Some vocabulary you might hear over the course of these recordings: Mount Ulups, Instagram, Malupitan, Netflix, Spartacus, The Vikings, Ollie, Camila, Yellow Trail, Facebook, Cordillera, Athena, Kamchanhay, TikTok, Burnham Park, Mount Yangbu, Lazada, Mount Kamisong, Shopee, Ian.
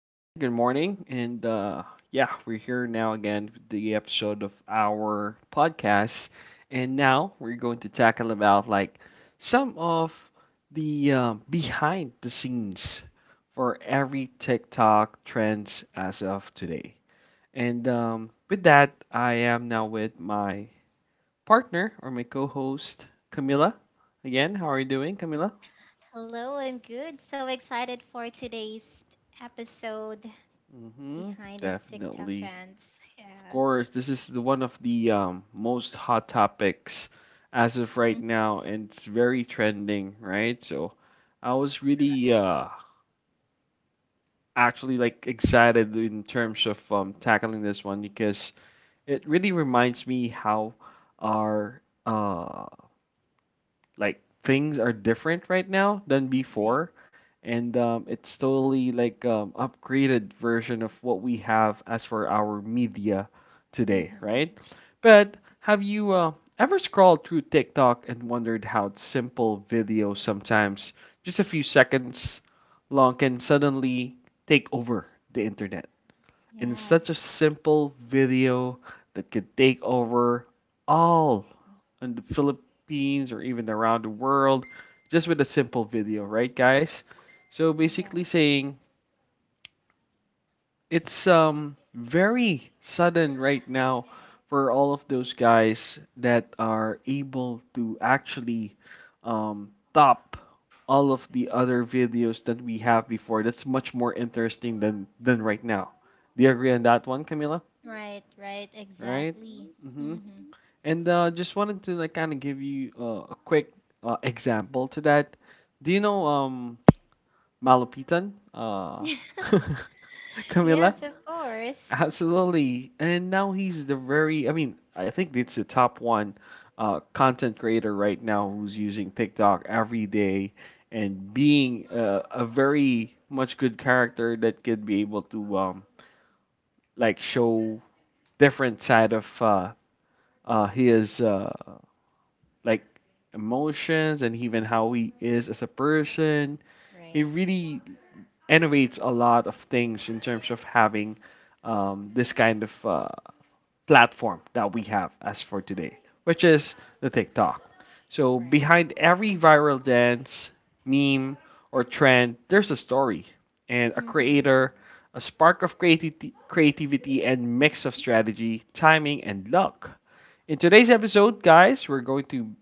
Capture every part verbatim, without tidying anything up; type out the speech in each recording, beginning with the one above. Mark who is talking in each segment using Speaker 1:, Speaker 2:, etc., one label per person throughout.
Speaker 1: Again, good morning, and uh, yeah, we're here now again with the episode of our podcast, and now we're going to tackle about like some of the uh, behind the scenes for every TikTok trends as of today. And um, with that, I am now with my partner or my co-host Camila. Again, how are you doing, Camila?
Speaker 2: Hello, I'm good. So excited for today's episode
Speaker 1: Mm-hmm.
Speaker 2: behind the TikTok
Speaker 1: Definitely.
Speaker 2: trends.
Speaker 1: Of
Speaker 2: Yes.
Speaker 1: course, this is the one of the um, most hot topics as of right
Speaker 2: Mm,
Speaker 1: now, and it's very trending, right? So I was
Speaker 2: correct.
Speaker 1: really uh, actually like excited in terms of um, tackling this one because it really reminds me how our uh, like things are different right now than
Speaker 2: Right.
Speaker 1: before, and um, it's totally like um, upgraded version of what we have as for our media today,
Speaker 2: Mm-hmm.
Speaker 1: right? But have
Speaker 2: Exactly.
Speaker 1: you uh, ever scrolled through TikTok and wondered how simple videos, sometimes just a few seconds long, can suddenly take over the internet in such a
Speaker 2: Yes.
Speaker 1: simple video that could take over all in the Philippines or even around the world, just with a simple video, right guys? So basically
Speaker 2: Exactly.
Speaker 1: saying it's um very sudden right now for all of those guys that are able to actually um, top all of the other videos that we have before. That's much more interesting than than right now. Do you agree on that one, Camila?
Speaker 2: Right, right,
Speaker 1: Right?
Speaker 2: exactly.
Speaker 1: hmm
Speaker 2: Mm-hmm.
Speaker 1: And uh, just wanted to like kind of give you uh, a quick uh, example to that. Do you know um Malupitan? Uh, Camila?
Speaker 2: Yes, of course.
Speaker 1: Absolutely. And now he's the very, I mean, I think it's the top one uh, content creator right now who's using TikTok every day and being uh, a very much good character that could be able to um, like show different side of uh, uh, his uh, like emotions and even how he is as a person. He
Speaker 2: Right,
Speaker 1: really innovates a lot of things in terms of having um, this kind of uh, platform that we have as for today, which is the TikTok. So
Speaker 2: right.
Speaker 1: behind every viral dance, meme, or trend, there's a story and a
Speaker 2: Mm-hmm.
Speaker 1: creator, a spark of creati- creativity and mix of strategy, timing, and luck. In today's episode, guys, we're going to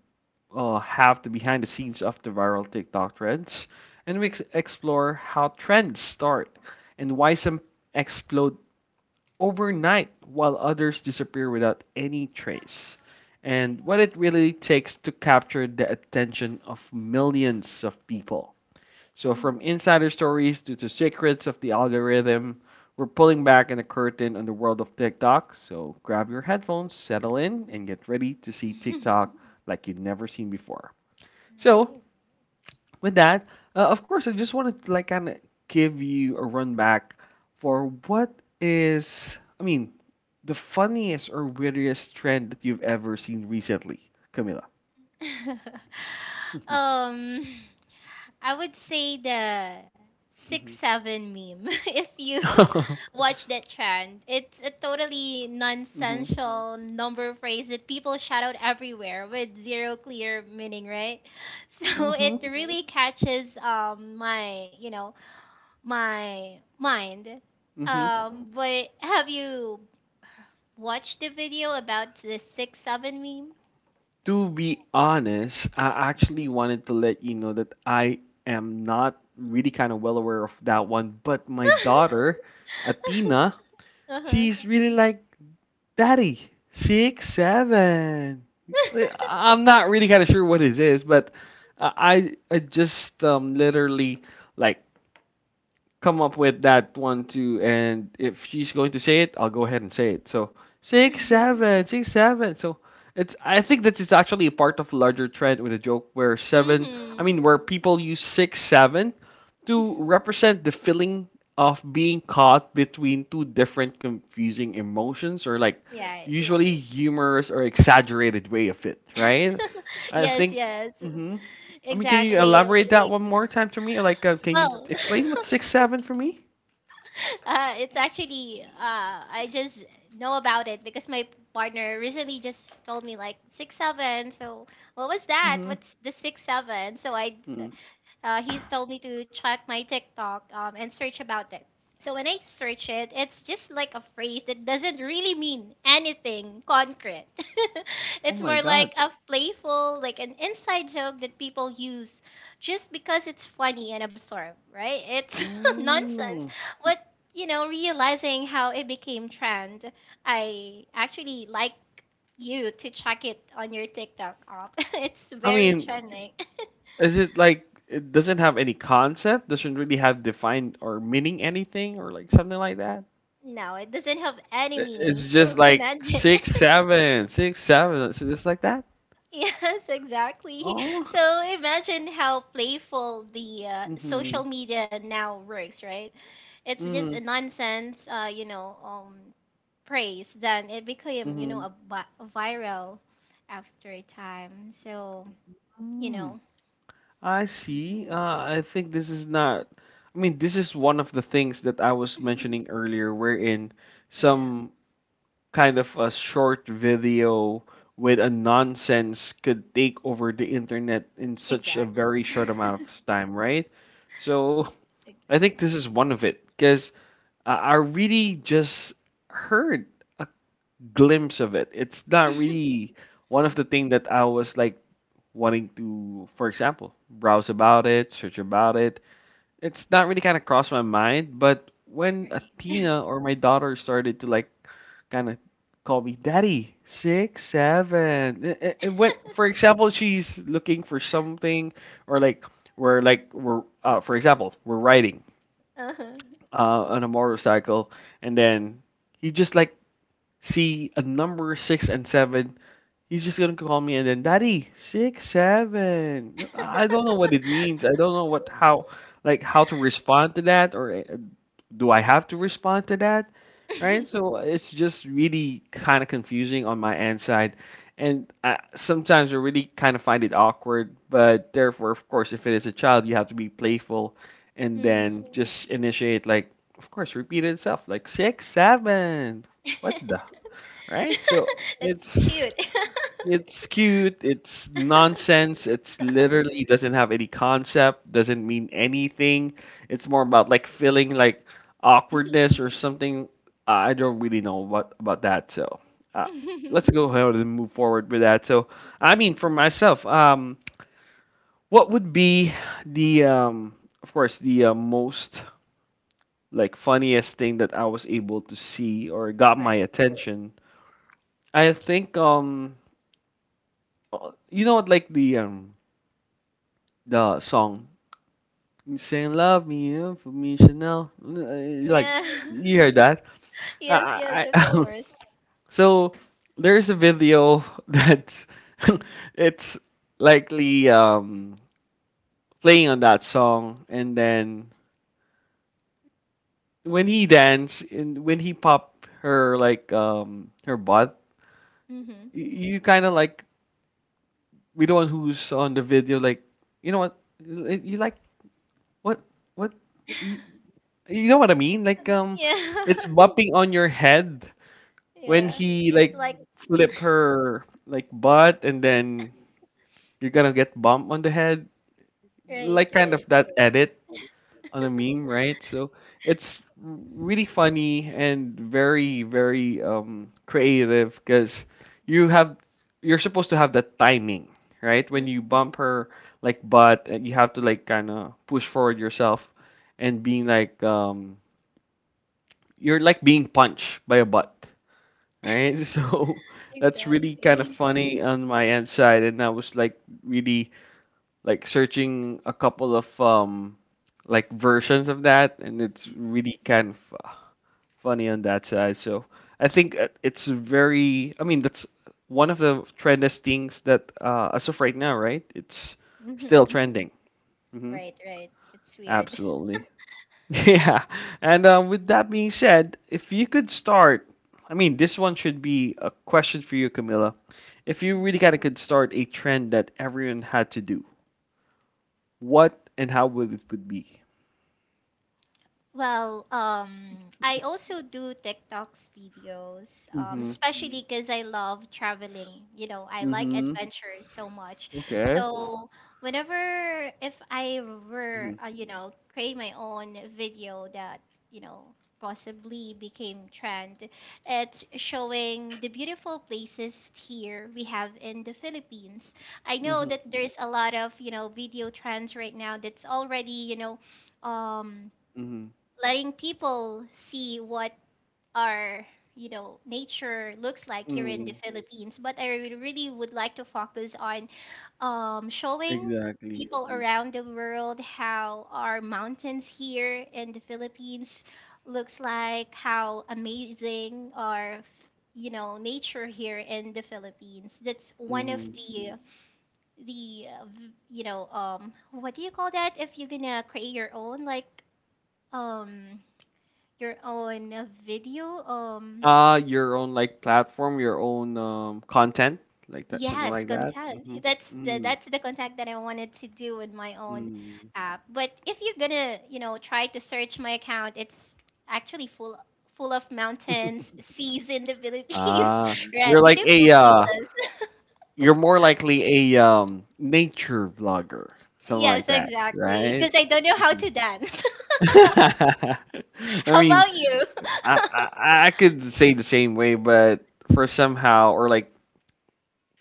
Speaker 1: uh, have the behind the scenes of the viral TikTok trends, and we ex- explore how trends start and why some explode overnight while others disappear without any trace, and what it really takes to capture the attention of millions of people. So, from insider stories to the secrets of the algorithm, we're pulling back in the curtain on the world of TikTok. So, grab your headphones, settle in, and get ready to see TikTok
Speaker 2: Mm-hmm.
Speaker 1: like you've never seen before. So, with that, uh, of course, I just wanted to like kind of give you a run back for what is, I mean, the funniest or weirdest trend that you've ever seen recently, Camila.
Speaker 2: Right. Um, I would say the six
Speaker 1: Mm-hmm.
Speaker 2: seven meme. If you watch that trend, it's a totally
Speaker 1: Mm-hmm.
Speaker 2: nonsensical number phrase that people shout out everywhere with zero clear meaning, right? So
Speaker 1: Mm-hmm.
Speaker 2: it really Mm-hmm. catches um my you know my mind.
Speaker 1: Mm-hmm.
Speaker 2: Um, but have you watched the video about the six seven meme?
Speaker 1: To be honest, I actually wanted to let you know that I am not really kind of well aware of that one, but my daughter, Athena,
Speaker 2: Uh huh.
Speaker 1: she's really like, Daddy, six, seven. I- I'm not really kind of sure what it is, but I I I just um, literally like come up with that one too. And if she's going to say it, I'll go ahead and say it. So six seven, six seven. So it's, I think this is actually a part of a larger trend with a joke where seven.
Speaker 2: Mm-hmm.
Speaker 1: I mean, where people use six seven to represent the feeling of being caught between two different confusing emotions, or like
Speaker 2: Yeah,
Speaker 1: usually humorous or exaggerated way of it, right? I
Speaker 2: yes,
Speaker 1: think.
Speaker 2: yes,
Speaker 1: Mm-hmm. I mean, can you
Speaker 2: exactly.
Speaker 1: elaborate that one more time to me? Like, uh, can you
Speaker 2: Well,
Speaker 1: explain what six seven for me?
Speaker 2: uh, it's actually uh, I just know about it because my partner recently just told me like six seven. So what was that?
Speaker 1: Mm-hmm.
Speaker 2: What's the six seven? So I Uh, he's told me to check my TikTok um, and search about it. So when I search it, it's just like a phrase that doesn't really mean anything concrete.
Speaker 1: Oh
Speaker 2: It's
Speaker 1: my
Speaker 2: more like
Speaker 1: God.
Speaker 2: a playful, like an inside joke that people use just because it's funny and absurd, right? It's nonsense.
Speaker 1: Mm.
Speaker 2: But, you know, realizing how it became trend, I actually like you to check it on your TikTok app. It's
Speaker 1: I
Speaker 2: very
Speaker 1: mean,
Speaker 2: trending.
Speaker 1: is it like it doesn't have any concept? Doesn't really have defined or meaning anything or like something like that?
Speaker 2: No, it doesn't have any
Speaker 1: I- It's
Speaker 2: meaning. So
Speaker 1: just like
Speaker 2: imagine.
Speaker 1: six seven, six seven. So just like that.
Speaker 2: Yes, exactly.
Speaker 1: Oh.
Speaker 2: So imagine how playful the uh,
Speaker 1: Mm-hmm.
Speaker 2: social media now works, right? It's just a
Speaker 1: Mm-hmm.
Speaker 2: nonsense, uh, you know, um, praise. Then it became, you know, a, vi- a viral after a time. So you
Speaker 1: Mm-hmm.
Speaker 2: know,
Speaker 1: I see.
Speaker 2: mm,
Speaker 1: Uh, I think this is not. I mean, this is one of the things that I was mentioning earlier, wherein
Speaker 2: yeah,
Speaker 1: some kind of a short video with a nonsense could take over the internet in such a
Speaker 2: exactly,
Speaker 1: very short amount of time, right? So I think this
Speaker 2: exactly.
Speaker 1: is one of it, because I I really just heard a glimpse of it. It's not really one of the thing that I was like wanting to, for example, browse about it, search about it. It's not really kind of crossed my mind, but when
Speaker 2: Right.
Speaker 1: Athena or my daughter started to like kind of call me daddy six seven a- a- and when for example she's looking for something or like we're like we're uh, for example we're riding
Speaker 2: Uh-huh.
Speaker 1: uh, on a motorcycle and then you just like see a number six and seven. He's just gonna call me and then daddy six seven. I don't know what it means. I don't know what how like how to respond to that, or uh, do I have to respond to that, right? So it's just really kind of confusing on my end side, and I, sometimes I really kind of find it awkward. But therefore, of course, if it is a child, you have to be playful and then
Speaker 2: Mhm.
Speaker 1: just initiate like of course repeat itself like six seven. What the right? So
Speaker 2: It's
Speaker 1: it's
Speaker 2: cute.
Speaker 1: it's cute. It's nonsense. It's literally doesn't have any concept. Doesn't mean anything. It's more about like feeling like awkwardness or something. Uh, I don't really know what about that. So uh, let's go ahead and move forward with that. So I mean, for myself, um, what would be the um, of course, the uh, most like funniest thing that I was able to see or got my
Speaker 2: Right.
Speaker 1: attention? I think um, you know what, like the um the song "Saying Love Me uh, for Me Chanel," uh, like
Speaker 2: Yeah.
Speaker 1: you hear that. I,
Speaker 2: Yes, yes,
Speaker 1: I,
Speaker 2: of
Speaker 1: I
Speaker 2: course.
Speaker 1: so there's a video that's it's likely um playing on that song, and then when he dance and when he pop her like um her butt,
Speaker 2: Mhm.
Speaker 1: y- you kind of like with the one who's on the video like, you know what, you you like, what what. you, You know what I mean? Like um,
Speaker 2: Yeah.
Speaker 1: it's bumping on your head when
Speaker 2: Yeah.
Speaker 1: he
Speaker 2: It's
Speaker 1: like
Speaker 2: like
Speaker 1: flip her like butt, and then you're gonna get bumped on the head,
Speaker 2: Mhm. right,
Speaker 1: like kind of
Speaker 2: right.
Speaker 1: that edit on a meme, right? So it's really funny and very very um creative because you have you're supposed to have that timing, right? When
Speaker 2: Mm,
Speaker 1: you bump her like butt, uh, you have to like kind of push forward yourself and being like um you're like being punched by a butt, right? So that's really kind of
Speaker 2: exactly.
Speaker 1: funny on my end side, and I was like really like searching a couple of um like versions of that, and it's really kind of uh, funny on that side. So I think uh, it's very, I mean, that's one of the trendiest things that uh, as of right now, right? It's still
Speaker 2: Mhm.
Speaker 1: trending. hmm
Speaker 2: Right, right. It's weird.
Speaker 1: Absolutely. Yeah, and uh, with that being said, if you could start, I mean, this one should be a question for you, Camilla. If you really kind of could start a trend that everyone had to do, what and how would it would be?
Speaker 2: Well, um, I also do TikToks videos, um,
Speaker 1: Mm-hmm.
Speaker 2: especially because I love traveling. You know, I like
Speaker 1: Mm-hmm.
Speaker 2: adventure so much.
Speaker 1: Okay.
Speaker 2: So whenever if I were,
Speaker 1: Mm-hmm.
Speaker 2: uh, you know, create my own video that, you know, possibly became trend, it's showing the beautiful places here we have in the Philippines. I know
Speaker 1: Mm-hmm.
Speaker 2: that there's a lot of, you know, video trends right now that's already, you know, um
Speaker 1: Mm-hmm.
Speaker 2: letting people see what our you know nature looks like here in the
Speaker 1: Mm-hmm.
Speaker 2: Philippines. But I re- really would like to focus on um, showing
Speaker 1: Exactly.
Speaker 2: people around the world how our mountains here in the Philippines looks like, how amazing our you know nature here in the Philippines. That's one of
Speaker 1: Mm-hmm.
Speaker 2: the the uh, v- you know um what do you call that if you're gonna create your own like um your own uh, video um
Speaker 1: Uh, your own like platform, your own um content, like that, something
Speaker 2: yes
Speaker 1: like that.
Speaker 2: content. That's the
Speaker 1: Mm-hmm.
Speaker 2: that's the content that I wanted to do with my own
Speaker 1: Mm-hmm.
Speaker 2: app. But if you're gonna you know try to search my account, it's actually full full of mountains, seas in the Philippines.
Speaker 1: Ah,
Speaker 2: Right,
Speaker 1: you're like a
Speaker 2: beautiful
Speaker 1: uh,
Speaker 2: places.
Speaker 1: you're more likely a, um, nature vlogger, something
Speaker 2: Yes,
Speaker 1: like that,
Speaker 2: exactly,
Speaker 1: right?
Speaker 2: because I don't know how to
Speaker 1: Mhm.
Speaker 2: dance.
Speaker 1: I
Speaker 2: How
Speaker 1: mean,
Speaker 2: about you?
Speaker 1: I, I I could say the same way, but for somehow or like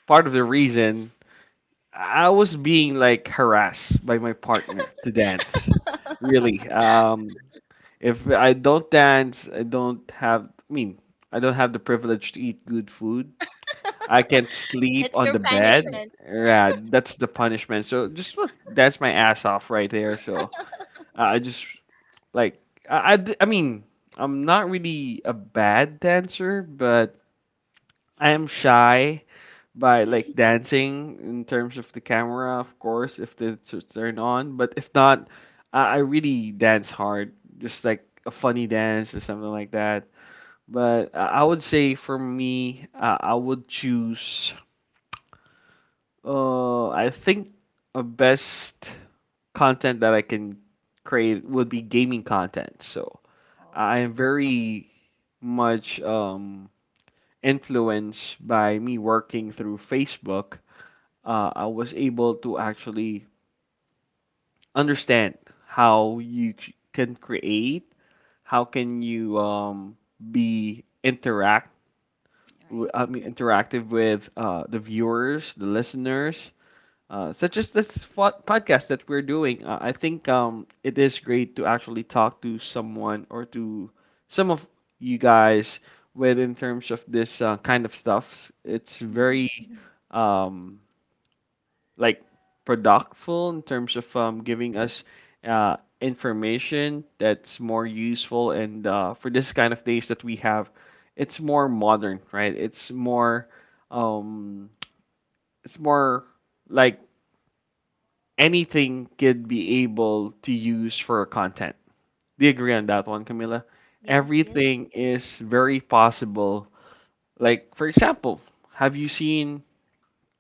Speaker 1: part of the reason I was being like harassed by my partner to dance. Really, um, if I don't dance, I don't have. I mean, I don't have the privilege to eat good food. I can't sleep
Speaker 2: That's
Speaker 1: on
Speaker 2: your
Speaker 1: the bed.
Speaker 2: punishment.
Speaker 1: Yeah, that's the punishment. So just look, that's my ass off right there. So uh, I just like I, I d- I mean I'm not really a bad dancer, but I am shy by like dancing in terms of the camera, of course, if the it's turned on. But if not, I, I really dance hard, just like a funny dance or something like that. But uh, I would say for me, uh, I would choose. Uh, I think a best content that I can create would be gaming content. So
Speaker 2: Oh,
Speaker 1: I
Speaker 2: all
Speaker 1: am very much um, influenced by me working through Facebook. Uh, I was able to actually understand how you c- can create, how can you um, be interact. w-
Speaker 2: right.
Speaker 1: I mean, interactive with uh, the viewers, the listeners, uh, such as this fo- podcast that we're doing. uh, I think um, it is great to actually talk to someone or to some of you guys with in terms of this uh, kind of stuff. It's very
Speaker 2: Mhm,
Speaker 1: um, like productful in terms of um,
Speaker 2: mhm,
Speaker 1: giving us uh, information that's more useful and uh, for this kind of days that we have. It's more modern, right? It's more um, it's more like anything could be able to use for content. Do you agree on
Speaker 2: right.
Speaker 1: that one, Camila?
Speaker 2: Yes, yes,
Speaker 1: Everything
Speaker 2: of
Speaker 1: is very possible. Like, for example, have you seen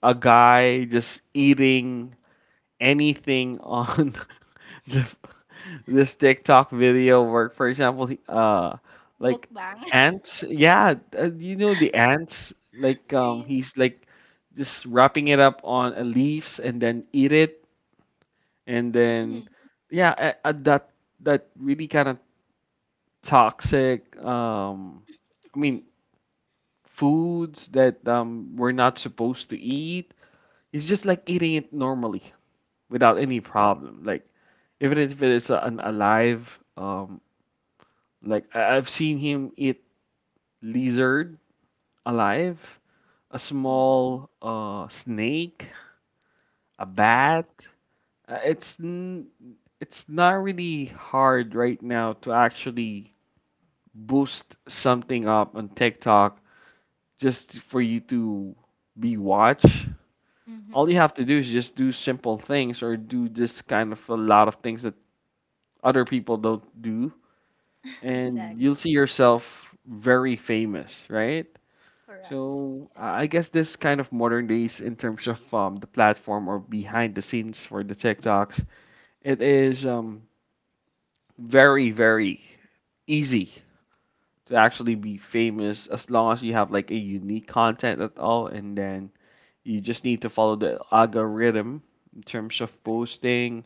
Speaker 1: a guy just eating anything on the, this TikTok video where, for example, he- uh,
Speaker 2: course.
Speaker 1: like
Speaker 2: Mukbang.
Speaker 1: ants? Yeah, uh, you know the ants. Like, um,
Speaker 2: Right.
Speaker 1: he's like just wrapping it up on a leaves and then eat it and then
Speaker 2: Hmm.
Speaker 1: yeah, at, at that that really kind of toxic, um I mean, foods that um we're not supposed to eat. It's just like eating it normally without any
Speaker 2: Right.
Speaker 1: problem, like even if it is a, an alive, um like I- I've seen him eat lizard alive, a
Speaker 2: Mm-hmm.
Speaker 1: small uh snake, a
Speaker 2: Right.
Speaker 1: bat. Uh, it's n- it's not really hard right now to actually boost something up on TikTok just for you to be watched.
Speaker 2: Hmm.
Speaker 1: All you have to do is just do simple things or do this kind of a lot of things that other people don't do, and you'll
Speaker 2: Exactly.
Speaker 1: see yourself very famous, right?
Speaker 2: Correct.
Speaker 1: So I I guess this kind of modern days in terms of um, the platform or behind the scenes for the TikToks, it is um, very very easy to actually be famous as long as you have like a unique content at all, and then you just need to follow the algorithm in terms of posting,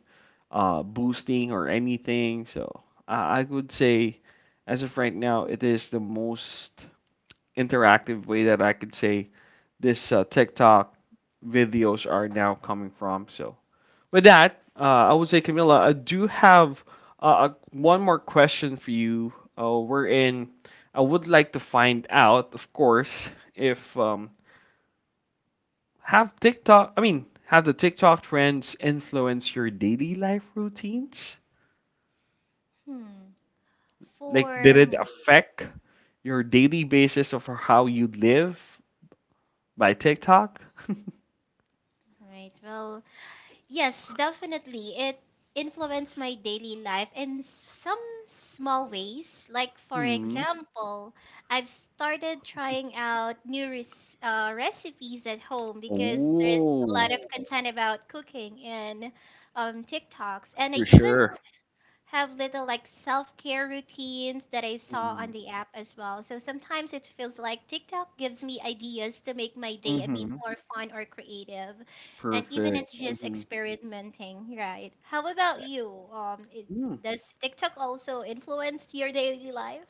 Speaker 1: uh boosting or anything. So i, I would say as of right now it is the most interactive way that I could say this uh,
Speaker 2: Mm.
Speaker 1: TikTok videos are now coming from. So with that, uh, I would say, Camila, I do have uh, a, one more question for you. Uh, wherein I would like to find out, of course, if um, have TikTok. I mean, have the TikTok trends influence your daily life routines?
Speaker 2: Hmm.
Speaker 1: Like, did
Speaker 2: For
Speaker 1: it affect your daily basis of how you live by TikTok?
Speaker 2: right, well, yes, definitely. It influenced my daily life in s- some small ways. Like for example, I've started trying out new res- uh, recipes at home because there's a lot
Speaker 1: Oh,
Speaker 2: of content about cooking in um, TikToks, and I
Speaker 1: for
Speaker 2: even
Speaker 1: sure.
Speaker 2: have little like self care routines that I saw on
Speaker 1: Mhm.
Speaker 2: the app as well. So sometimes it feels like TikTok gives me ideas to make my day a bit
Speaker 1: Mhm.
Speaker 2: more fun or creative. And even
Speaker 1: Perfect.
Speaker 2: it's just
Speaker 1: Mhm.
Speaker 2: experimenting, right? How about you? Um, it,
Speaker 1: Mm.
Speaker 2: does TikTok also influence your daily life?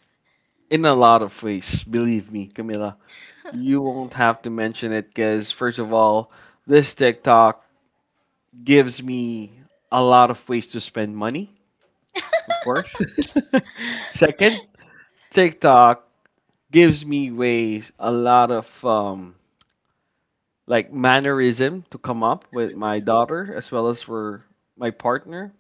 Speaker 1: In a lot of ways, believe me, Camila. You won't have to mention it because, first of all, this TikTok gives me a lot of ways to spend money, of course. Second, TikTok gives me ways, a lot of um, like mannerism to come up with my daughter as well as for my partner.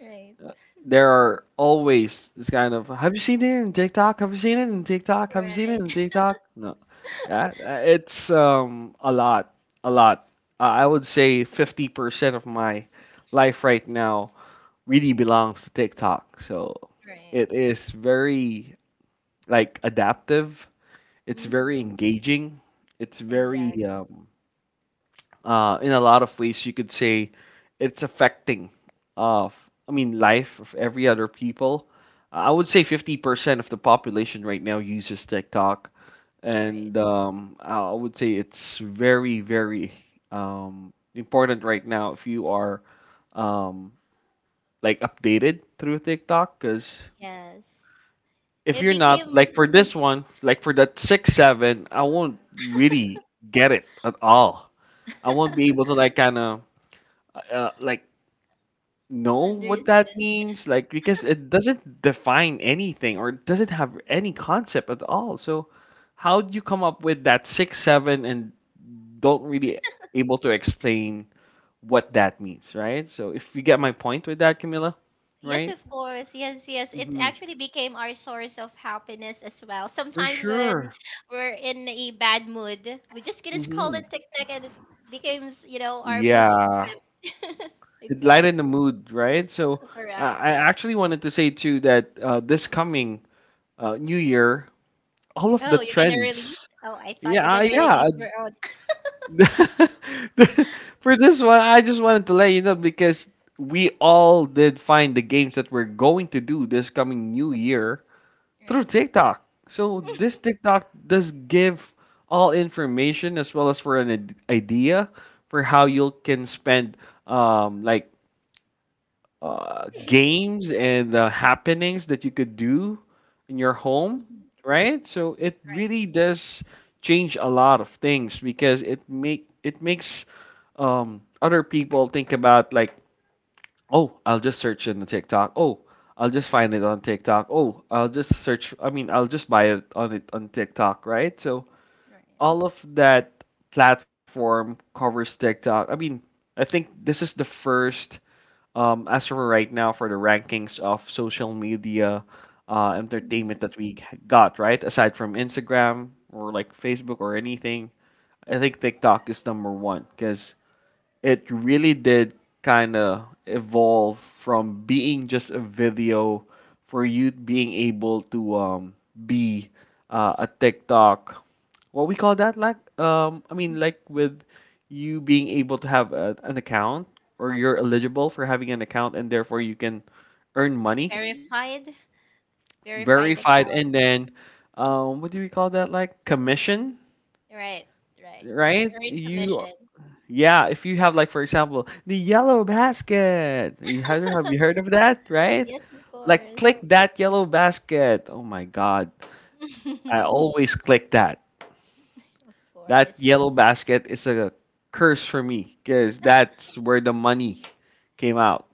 Speaker 2: Right,
Speaker 1: There are always this kind of, have you seen it in TikTok? Have you seen it in TikTok? Have you seen it
Speaker 2: right.
Speaker 1: in TikTok? No. Yeah, uh, it's um a lot, a lot. Uh, I would say fifty percent of my life right now really belongs to TikTok. So
Speaker 2: Right.
Speaker 1: it is very like adaptive. It's very
Speaker 2: Mm-hmm.
Speaker 1: engaging. It's
Speaker 2: Exact.
Speaker 1: very um uh, in a lot of ways you could say it's affecting of I mean, life of every other people. I would say fifty percent of the population right now uses TikTok,
Speaker 2: Right.
Speaker 1: and um, I would say it's very very um, important right now if you are um, like updated through TikTok. Because
Speaker 2: Yes.
Speaker 1: if
Speaker 2: It
Speaker 1: you're not,
Speaker 2: became
Speaker 1: like, for this one, like for that six seven, I won't really get it at all. I won't be able to like kind of uh, like know what that
Speaker 2: understood.
Speaker 1: means, like, because it doesn't define anything or doesn't have any concept at all. So how do you come up with that six seven and don't really able to explain what that means, right? So if you get my point with that, camilla
Speaker 2: Yes,
Speaker 1: right?
Speaker 2: of course. Yes, yes. It
Speaker 1: Hmm.
Speaker 2: actually became our source of happiness as well.
Speaker 1: For
Speaker 2: Sometimes when
Speaker 1: sure.
Speaker 2: we're in a bad mood, we just gonna scroll
Speaker 1: Hmm.
Speaker 2: in TikTok and it becomes, you know, our mood
Speaker 1: Yeah,
Speaker 2: shift.
Speaker 1: it lightened
Speaker 2: Exactly.
Speaker 1: the mood, right? So uh, I
Speaker 2: Correct.
Speaker 1: actually wanted to say too that uh, this coming uh, new year, all of
Speaker 2: Oh,
Speaker 1: the
Speaker 2: you're gonna release?
Speaker 1: trends.
Speaker 2: Oh, I thought
Speaker 1: Yeah,
Speaker 2: you're
Speaker 1: uh,
Speaker 2: gonna
Speaker 1: yeah.
Speaker 2: release your own.
Speaker 1: For this one, I just wanted to let you know because we all did find the games that we're going to do this coming new year through
Speaker 2: Right.
Speaker 1: TikTok. So this TikTok does give all information as well as for an id- idea for how you can spend, um like uh, games and uh, happenings that you could do in your home,
Speaker 2: Mhm.
Speaker 1: right? So it
Speaker 2: Right.
Speaker 1: really does change a lot of things because it make it makes um, other people think about, like, oh, I'll just search in the TikTok. Oh, I'll just find it on TikTok. Oh, I'll just search. I mean, I'll just buy it on it on TikTok, right? So
Speaker 2: Right.
Speaker 1: all of that platform covers TikTok. I mean, I think this is the first, um, as for right now, for the rankings of social media uh, entertainment
Speaker 2: Mhm.
Speaker 1: that we g- got, right? Aside from Instagram or like Facebook or anything, I think TikTok is number one because it really did kind of evolve from being just a video for you being able to um, be uh, a TikTok. What we call that, like, um, I mean, like, with you being able to have a, an account or you're eligible for having an account and therefore you can earn
Speaker 2: Like
Speaker 1: money,
Speaker 2: verified, verified
Speaker 1: verified,
Speaker 2: account.
Speaker 1: and then um, what do we call that, like commission,
Speaker 2: Right, right. They
Speaker 1: right?
Speaker 2: earn
Speaker 1: You.
Speaker 2: commission.
Speaker 1: Yeah, if you have, like, for example, the yellow basket, you have have you heard of that, right?
Speaker 2: Yes, of
Speaker 1: Like
Speaker 2: course.
Speaker 1: click that yellow basket. Oh my God, I always click that.
Speaker 2: Of
Speaker 1: That
Speaker 2: course.
Speaker 1: yellow basket is a curse for me because that's where the money came out.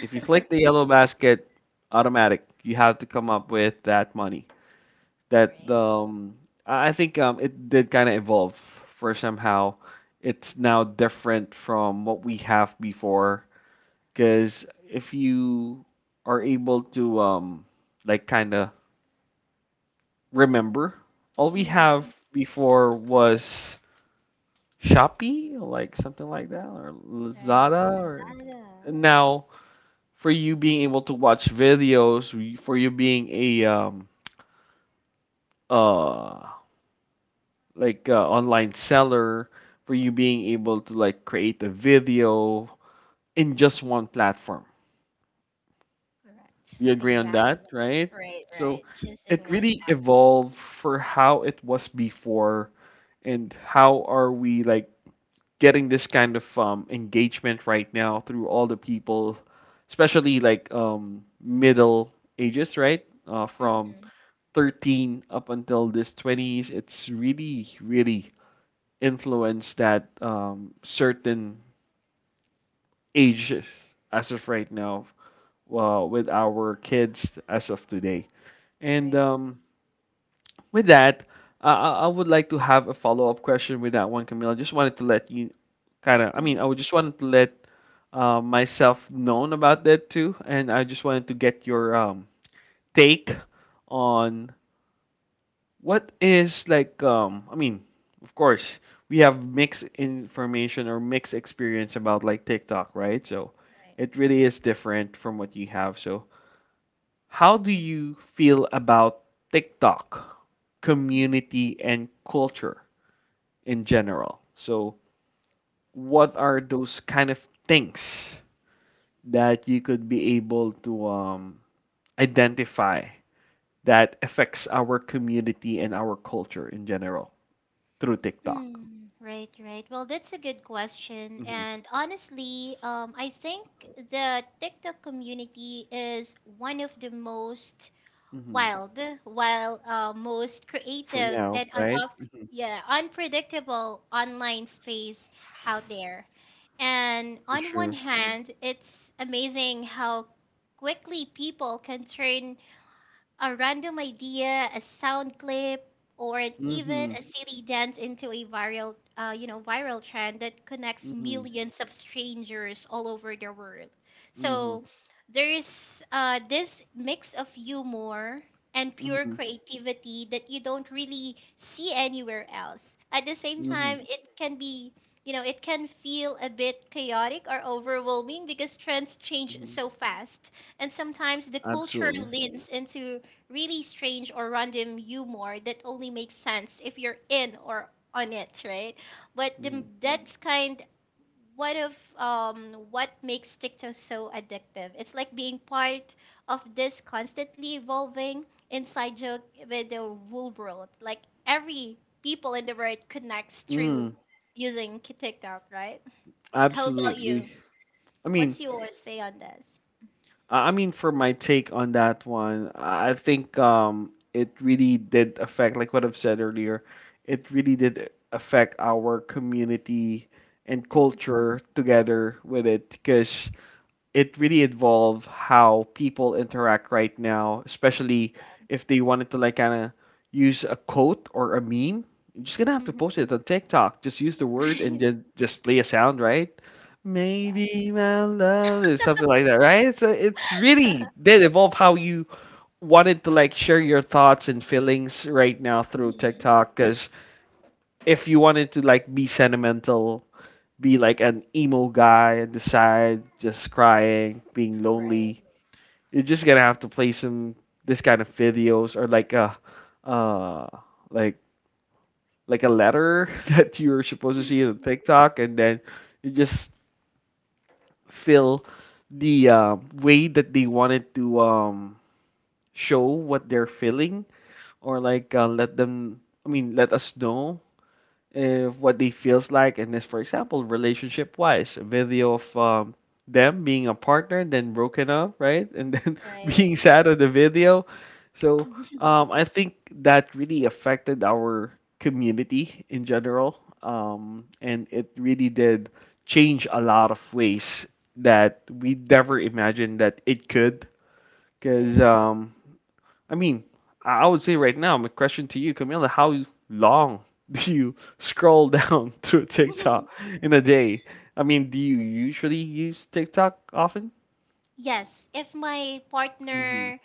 Speaker 1: If you click the yellow basket, automatic, you have to come up with that money. That
Speaker 2: Right.
Speaker 1: um, I I think um, it did kind of evolve for somehow. It's now different from what we have before. Because if you are able to, um, like, kind of remember, all we
Speaker 2: Mhm.
Speaker 1: have before was Shopee, like something like that, or
Speaker 2: Right.
Speaker 1: Lazada, or
Speaker 2: Tada.
Speaker 1: now, for you being able to watch videos, we- for you being a um, uh, like uh, online seller, for you being able to like create a video in just one platform.
Speaker 2: Correct.
Speaker 1: We agree on
Speaker 2: Exact.
Speaker 1: that, right?
Speaker 2: Right,
Speaker 1: So
Speaker 2: right. Just in
Speaker 1: it
Speaker 2: one
Speaker 1: really
Speaker 2: app.
Speaker 1: evolved for how it was before and how are we like getting this kind of um, engagement right now through all the people, especially like um, middle ages, right? Uh, from
Speaker 2: Mhm.
Speaker 1: thirteen up until this twenties, it's really, really influenced that um, certain ages as of right now, uh, with our kids as of today. And
Speaker 2: Right,
Speaker 1: um, with that, I, I I would like to have a follow up question with that one, Camila. Just wanted to let you kind of, I mean,
Speaker 2: Mhm.
Speaker 1: I would just wanted to let uh, myself known about that too, and I just wanted to get your um, take on what is like. Um, I mean, of course, we have mixed information or mixed experience about like TikTok, right? So
Speaker 2: right,
Speaker 1: it really is different from what you have. So how do you feel about TikTok
Speaker 2: Mm.
Speaker 1: community and culture in general? So, what
Speaker 2: right.
Speaker 1: are those kind of things that you could be able to um, identify that affects our community and our culture in general through TikTok?
Speaker 2: Mm, right, right. Well, that's a good question.
Speaker 1: Hmm.
Speaker 2: And honestly, um, I think the TikTok community is one of the most
Speaker 1: Hmm.
Speaker 2: wild, while uh, most
Speaker 1: For
Speaker 2: creative
Speaker 1: now,
Speaker 2: and un-
Speaker 1: right? Hmm.
Speaker 2: yeah, unpredictable online space out there. And
Speaker 1: For
Speaker 2: on one
Speaker 1: sure.
Speaker 2: hand, it's amazing how quickly people can turn a random idea, a sound clip, or an- even
Speaker 1: Hmm.
Speaker 2: a silly dance into a viral, uh, you know, viral trend that connects
Speaker 1: Hmm.
Speaker 2: millions of strangers all over the world.
Speaker 1: Hmm.
Speaker 2: So there's uh, this mix of humor and pure
Speaker 1: Hmm.
Speaker 2: creativity that you don't really see anywhere else. At the same
Speaker 1: Hmm.
Speaker 2: time, it can be you know, it can feel a bit chaotic or overwhelming because trends change
Speaker 1: Hmm.
Speaker 2: so fast, and sometimes the culture
Speaker 1: Absolutely.
Speaker 2: leans into really strange or random humor that only makes sense if you're in or on it, right? But the,
Speaker 1: Mm-hmm.
Speaker 2: that's kind what of um, what makes TikTok so addictive. It's like being part of this constantly evolving inside joke with the whole world. Like every people in the world connects through
Speaker 1: Mm,
Speaker 2: using K- TikTok, right? How about
Speaker 1: absolutely.
Speaker 2: you?
Speaker 1: I mean,
Speaker 2: What's your say on this?
Speaker 1: I I mean, for my take on that one, I I think um, it really did affect, like what I've said earlier, it really did affect our community and
Speaker 2: Hmm.
Speaker 1: culture together with it, because it really involve how people interact right now, especially if they wanted to like kind of use a quote or a meme. You're just gonna have to
Speaker 2: Hmm.
Speaker 1: post it on TikTok. Just use the word and then just play a sound, right?
Speaker 2: Exactly.
Speaker 1: Maybe my love or something like that, right? So it's really did evolve how you wanted to like share your thoughts and feelings right now through
Speaker 2: Mhm.
Speaker 1: TikTok. Because if you wanted to like be sentimental, be like an emo guy and decide just crying, being
Speaker 2: Right.
Speaker 1: lonely. You're just gonna have to play some this kind of videos or like a uh like like a letter that you're supposed to see on TikTok, and then you just feel the um, way that they wanted to um show what they're feeling or like, uh, let them I mean, let us know uh, what they feels like. And this, for example, relationship wise, a video of um, them being a partner then broken up, right? And then
Speaker 2: Right.
Speaker 1: being sad on the video, so um, I think that really affected our community in general, um, and it really did change a lot of ways that we never imagined that it could
Speaker 2: Right.
Speaker 1: because um, I mean, I would say right now, my question to you, Camila, how long do you scroll down through TikTok in a day? I mean, do you usually use TikTok often?
Speaker 2: Yes, if my
Speaker 1: hmm
Speaker 2: partner,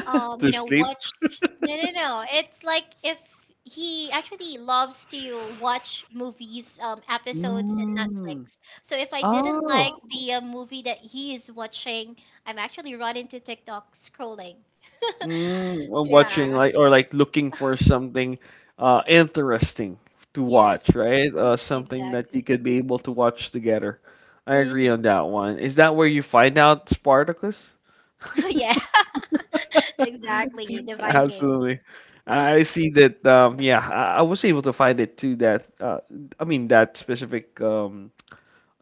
Speaker 2: um, you
Speaker 1: to
Speaker 2: know,
Speaker 1: sleep?
Speaker 2: watch. No, no, no. It's like if he actually loves to watch movies, um, episodes in
Speaker 1: Mm.
Speaker 2: Netflix. So if I didn't
Speaker 1: Oh.
Speaker 2: like Oh. the uh, movie that he is watching, I'm actually run into TikTok scrolling.
Speaker 1: Mm. Or watching
Speaker 2: Yeah.
Speaker 1: like or like looking for something uh interesting to watch,
Speaker 2: Yes,
Speaker 1: right? Uh something that you
Speaker 2: exactly.
Speaker 1: could be able to watch together. I agree on
Speaker 2: Hmm.
Speaker 1: that one. Is that where you find out Spartacus?
Speaker 2: Yeah, exactly. The Vikings.
Speaker 1: Absolutely. I see that um yeah, I, I was able to find it too that uh I mean that specific um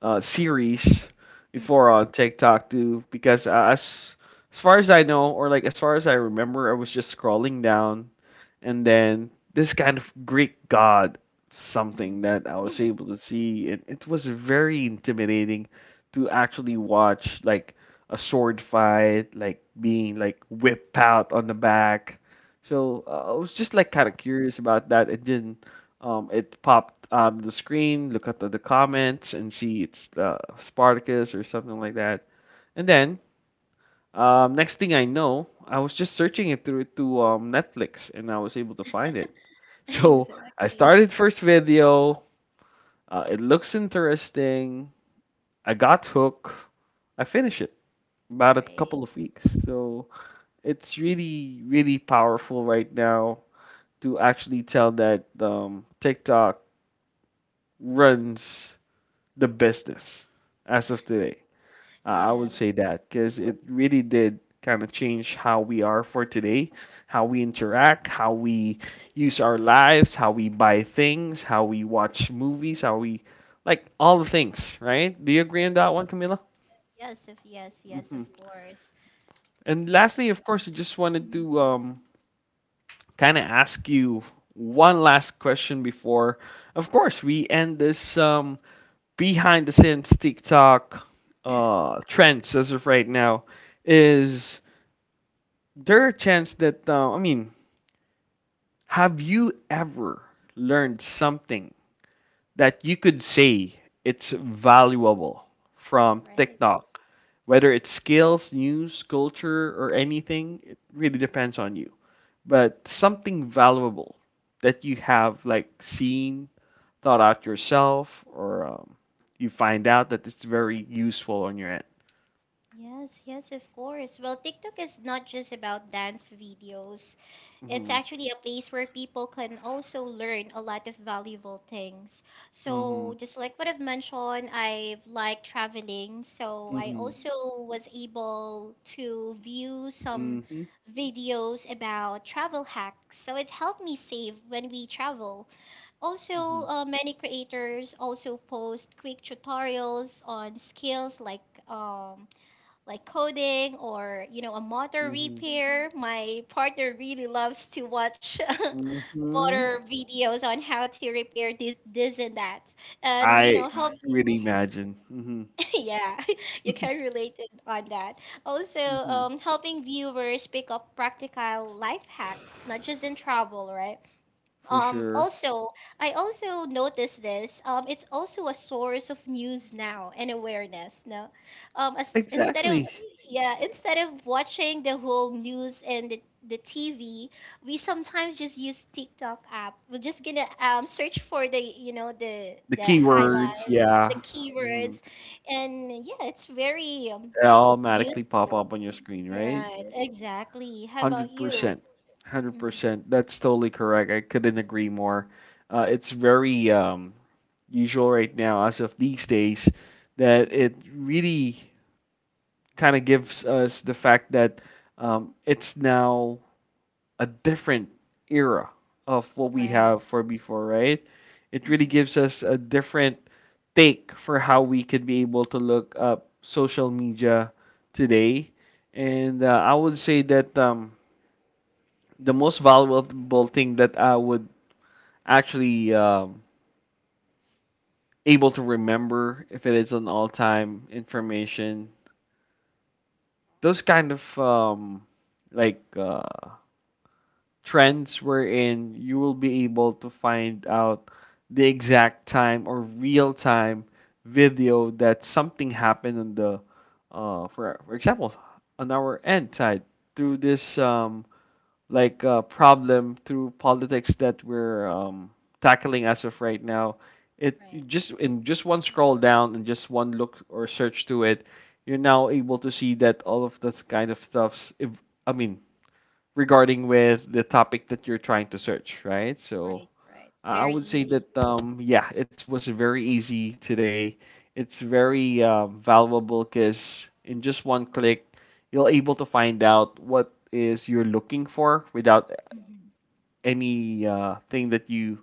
Speaker 1: uh series before
Speaker 2: Hmm.
Speaker 1: on TikTok too because uh, as as far as I know, or like as far as I remember, I was just scrolling down, and then this kind of Greek god something that
Speaker 2: Hmm.
Speaker 1: I was able to see, and it was very intimidating to actually watch like a sword fight, like being like whipped out on the back. So uh, I was just like kind of
Speaker 2: Exactly.
Speaker 1: curious about that, and then um, it popped on the screen. Look at the, the comments and see it's uh, Spartacus or something like that, and then um, next thing I know, I was just searching it through to um, Netflix, and I was able to find
Speaker 2: Right.
Speaker 1: it. So I
Speaker 2: Exactly.
Speaker 1: started first video. Uh, it looks interesting. I got hooked. I finished it about a
Speaker 2: Right.
Speaker 1: couple of weeks. So it's really, really powerful right now to actually tell that um, TikTok runs the business as of today. Uh, I would say
Speaker 2: Yes.
Speaker 1: that because it really did kind of change how we are for today, how we interact, how we use our lives, how we buy things, how we watch movies, how we like all the things, right? Do you agree on
Speaker 2: Right.
Speaker 1: that one, Camila?
Speaker 2: Yes. Of yes. Yes. Of
Speaker 1: Hmm.
Speaker 2: course.
Speaker 1: And lastly,
Speaker 2: That's
Speaker 1: of course, I just wanted
Speaker 2: Mhm,
Speaker 1: to um, kind of ask you one last question before, of course, we end this um, behind the scenes TikTok uh, trends as of right now. Is there a chance that uh, I mean, have you ever learned something that you could say it's valuable from
Speaker 2: right.
Speaker 1: TikTok? Whether it's skills, news, culture, or anything, it really depends on you. But something valuable that you have like seen, thought out yourself, or um, you find out that it's very useful on your end.
Speaker 2: Yes, yes, of course. Well, TikTok is not just about dance videos. It's
Speaker 1: Mm-hmm.
Speaker 2: actually a place where people can also learn a lot of valuable things.
Speaker 1: Mm-hmm.
Speaker 2: So, just like what I've mentioned, I've liked traveling. So, I
Speaker 1: Mm-hmm.
Speaker 2: also was able to view some
Speaker 1: Mm-hmm.
Speaker 2: videos about travel hacks. So, it helped me save when we travel. Also, uh, many creators also post quick tutorials on skills like um, like coding or you know a motor
Speaker 1: Mm-hmm.
Speaker 2: repair. My partner really loves to watch
Speaker 1: Mm-hmm.
Speaker 2: motor videos on how to repair this this and that, and you know
Speaker 1: I
Speaker 2: Right. helping.
Speaker 1: really imagine. Mhm,
Speaker 2: Yeah, you can relate it on that. Also,
Speaker 1: mhm.
Speaker 2: um, helping viewers pick up practical life hacks, not just in travel, right?
Speaker 1: For
Speaker 2: Um,
Speaker 1: sure.
Speaker 2: also, I also noticed this. Um, it's also a source of news now and awareness. No, um, as, instead of
Speaker 1: Exactly.
Speaker 2: yeah, instead of watching the whole news and the, the T V, we sometimes just use TikTok app. We're just gonna um, search for the you know the
Speaker 1: The
Speaker 2: the
Speaker 1: keywords,
Speaker 2: highlight, the
Speaker 1: yeah. Mhm.
Speaker 2: keywords, and yeah, it's very um,
Speaker 1: They automatically pop
Speaker 2: useful.
Speaker 1: up on your screen, right?
Speaker 2: Right, exactly. How about you?
Speaker 1: one hundred percent.
Speaker 2: Hmm.
Speaker 1: one hundred percent. That's totally correct. I couldn't agree more. Uh, it's very um, usual right now, as of these days, that it really kind of gives us the fact that um, it's now a different era of what we
Speaker 2: Right.
Speaker 1: have for before, right? It really
Speaker 2: Hmm.
Speaker 1: gives us a different take for how we could be able to look up social media today. And uh, I would say that um, the most valuable thing that I would actually um, able to remember, if it is an all-time information, those kind of um, like uh, trends wherein you will be able to find out the exact time or real time video that something happened on the uh for for example, on our end side, through this um like uh, problem through politics that we're um tackling as of right now. It, you
Speaker 2: Right,
Speaker 1: just in just one scroll down and just one look or search to it, you're now able to see that all of this kind of stuff's. If I mean, regarding with the topic that you're trying to search, right? So
Speaker 2: right, right.
Speaker 1: I
Speaker 2: Very
Speaker 1: would say
Speaker 2: easy.
Speaker 1: that um yeah, it was very easy today. It's very uh, valuable because in just one click, you're able to find out what is you're looking for without
Speaker 2: Mm-hmm.
Speaker 1: any uh, thing that you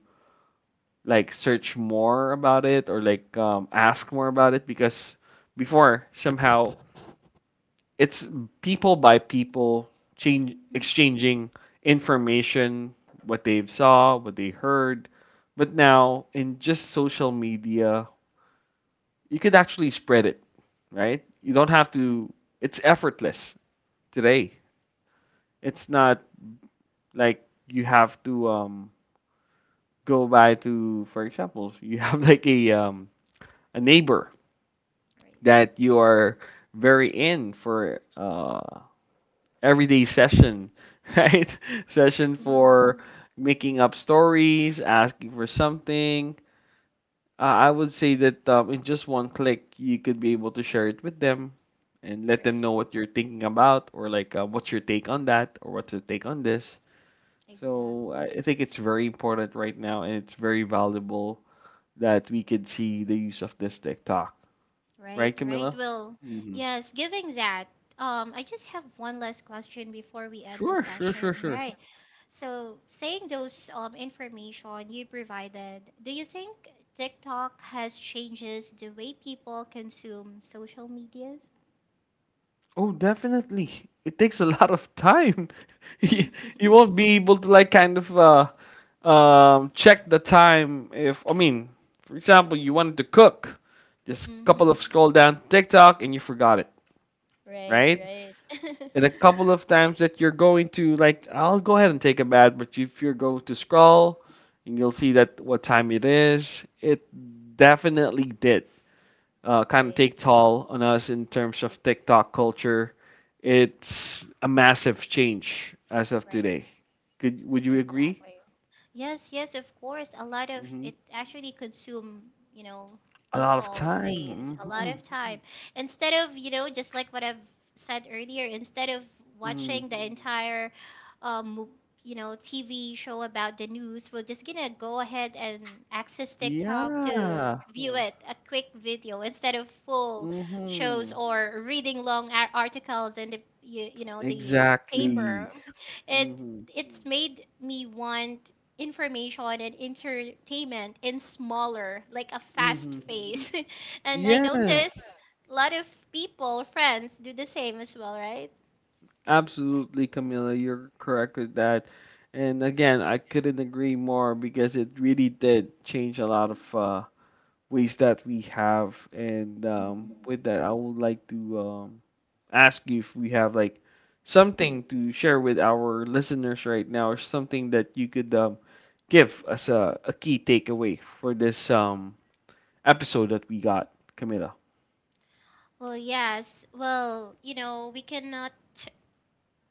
Speaker 1: like search more about it, or like um, ask more about it, because before, somehow, it's people by people change
Speaker 2: Mm,
Speaker 1: exchanging information, what they saw, what they heard, but now in just social media, you could actually spread it, right? You
Speaker 2: right,
Speaker 1: don't have to. It's effortless today. It's not like you have to um, go by to, for example, you have like a um, a neighbor
Speaker 2: right,
Speaker 1: that you are very in for uh, everyday session, right? Session
Speaker 2: Mm-hmm.
Speaker 1: for making up stories, asking for something. Uh, I would say that um, in just one click, you could be able to share it with them and let them
Speaker 2: right.
Speaker 1: know what you're thinking about, or like uh, what's your take on that, or what's your take on this.
Speaker 2: Exactly.
Speaker 1: So I I think it's very important right now, and it's very valuable that we could see the use of this TikTok,
Speaker 2: Right,
Speaker 1: right,
Speaker 2: right.
Speaker 1: Camilla?
Speaker 2: Well,
Speaker 1: Hmm.
Speaker 2: yes, giving that, um, I just have one last question before we end the
Speaker 1: Sure, sure, sure,
Speaker 2: session,
Speaker 1: sure.
Speaker 2: right? So, saying those um, information you provided, do you think TikTok has changes the way people consume social medias?
Speaker 1: Oh, definitely. It takes a lot of time. You,
Speaker 2: Mm-hmm.
Speaker 1: you won't be able to like kind of uh um check the time if I mean, for example, you wanted to cook, just couple of scroll down TikTok and you forgot it,
Speaker 2: Right,
Speaker 1: right?
Speaker 2: right.
Speaker 1: And a couple of times that you're going to like I'll go ahead and take a bath, but if you're going to scroll and you'll see that what time it is, it definitely did uh, kind of
Speaker 2: Right,
Speaker 1: take toll on us in terms of TikTok culture. It's a massive change as of
Speaker 2: right.
Speaker 1: today. Could would you agree?
Speaker 2: Exactly. Yes, yes, of course. A lot of
Speaker 1: Hmm.
Speaker 2: it actually consume, you know,
Speaker 1: A lot of
Speaker 2: people waste
Speaker 1: time.
Speaker 2: a lot
Speaker 1: Hmm.
Speaker 2: of time. Instead of, you know, just like what I've said earlier, instead of
Speaker 1: Hmm.
Speaker 2: watching the entire um you know, T V show about the news, we're just gonna go ahead and access TikTok to
Speaker 1: Yeah.
Speaker 2: view it, a quick video instead of full shows
Speaker 1: Hmm.
Speaker 2: or reading long ar- articles in the you, you know, the uh, Mm.
Speaker 1: Exactly.
Speaker 2: paper. It
Speaker 1: Hmm.
Speaker 2: it's made me want information and entertainment in smaller, like a fast
Speaker 1: Hmm.
Speaker 2: pace. And I
Speaker 1: Yes.
Speaker 2: notice a lot of people, friends, do the same as well, right?
Speaker 1: Absolutely, Camilla. You're correct with that. And again, I couldn't agree more because it really did change a lot of uh, ways that we have. And um, with that, I would like to um, ask you if we have like something to share with our listeners right now, or something that you could um, give as a, a key takeaway for this um, episode that we got, Camila.
Speaker 2: Well, yes. Well, you know, we cannot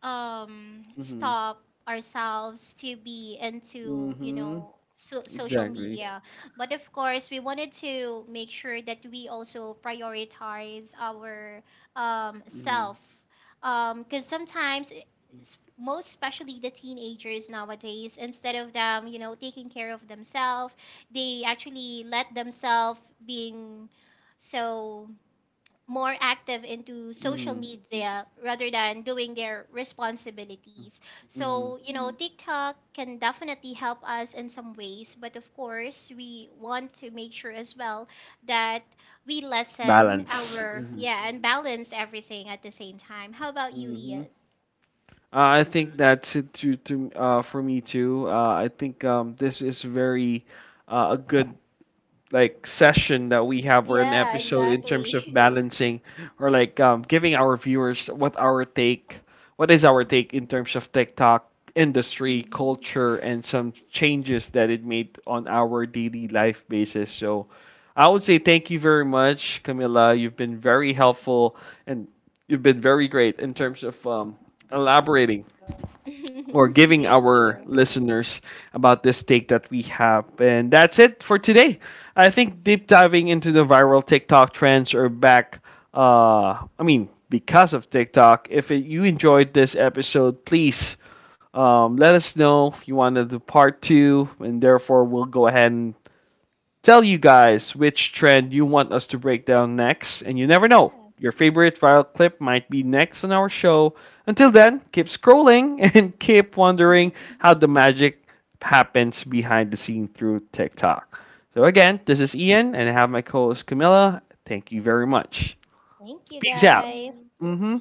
Speaker 2: um
Speaker 1: Mm-hmm.
Speaker 2: stop ourselves to be into you
Speaker 1: Mm-hmm.
Speaker 2: know so- social
Speaker 1: Exactly.
Speaker 2: media, but of course we wanted to make sure that we also prioritize our um,
Speaker 1: Mm-hmm.
Speaker 2: self, because sometimes it- s- most especially the teenagers nowadays, instead of them you know taking care of themselves, they actually let themselves being so more active into social
Speaker 1: Mm-hmm.
Speaker 2: media rather than doing their responsibilities.
Speaker 1: Mm-hmm.
Speaker 2: So, you know, Mm. TikTok can definitely help us in some ways, but of course, we want to make sure as well that we lessen Balance.
Speaker 1: Balance.
Speaker 2: Our,
Speaker 1: Mm-hmm.
Speaker 2: yeah, and balance everything at the same time. How about you,
Speaker 1: Mm-hmm.
Speaker 2: Ian?
Speaker 1: Uh, I think that's it to, to uh, for me too. Uh, I think um, this is very uh, a good like session that we have, or an
Speaker 2: Yeah,
Speaker 1: episode in terms of
Speaker 2: exactly.
Speaker 1: balancing, or like um, giving our viewers what our take, what is our
Speaker 2: Mhm.
Speaker 1: take in terms of TikTok industry,
Speaker 2: Mhm.
Speaker 1: culture, and some changes that it made on our daily life basis. So I would say thank you very much, Camilla. You've been very helpful, and you've been very great in terms of um,
Speaker 2: Yeah.
Speaker 1: elaborating or giving
Speaker 2: Thank
Speaker 1: our
Speaker 2: you.
Speaker 1: listeners about this take that we have. And that's it for today. I think deep diving into the viral TikTok trends are back. Uh, I mean, because of TikTok. If it, you enjoyed this episode, please um, let us know if you wanted the part two, and therefore we'll go ahead and tell you guys which trend you want us to break down next, and you never know. Your favorite viral clip might be next on our show. Until then, keep scrolling and keep wondering how the magic happens behind the scene through TikTok. So, again, this is Ian, and I have my co host Camilla. Thank you very much. Peace out. Hmm.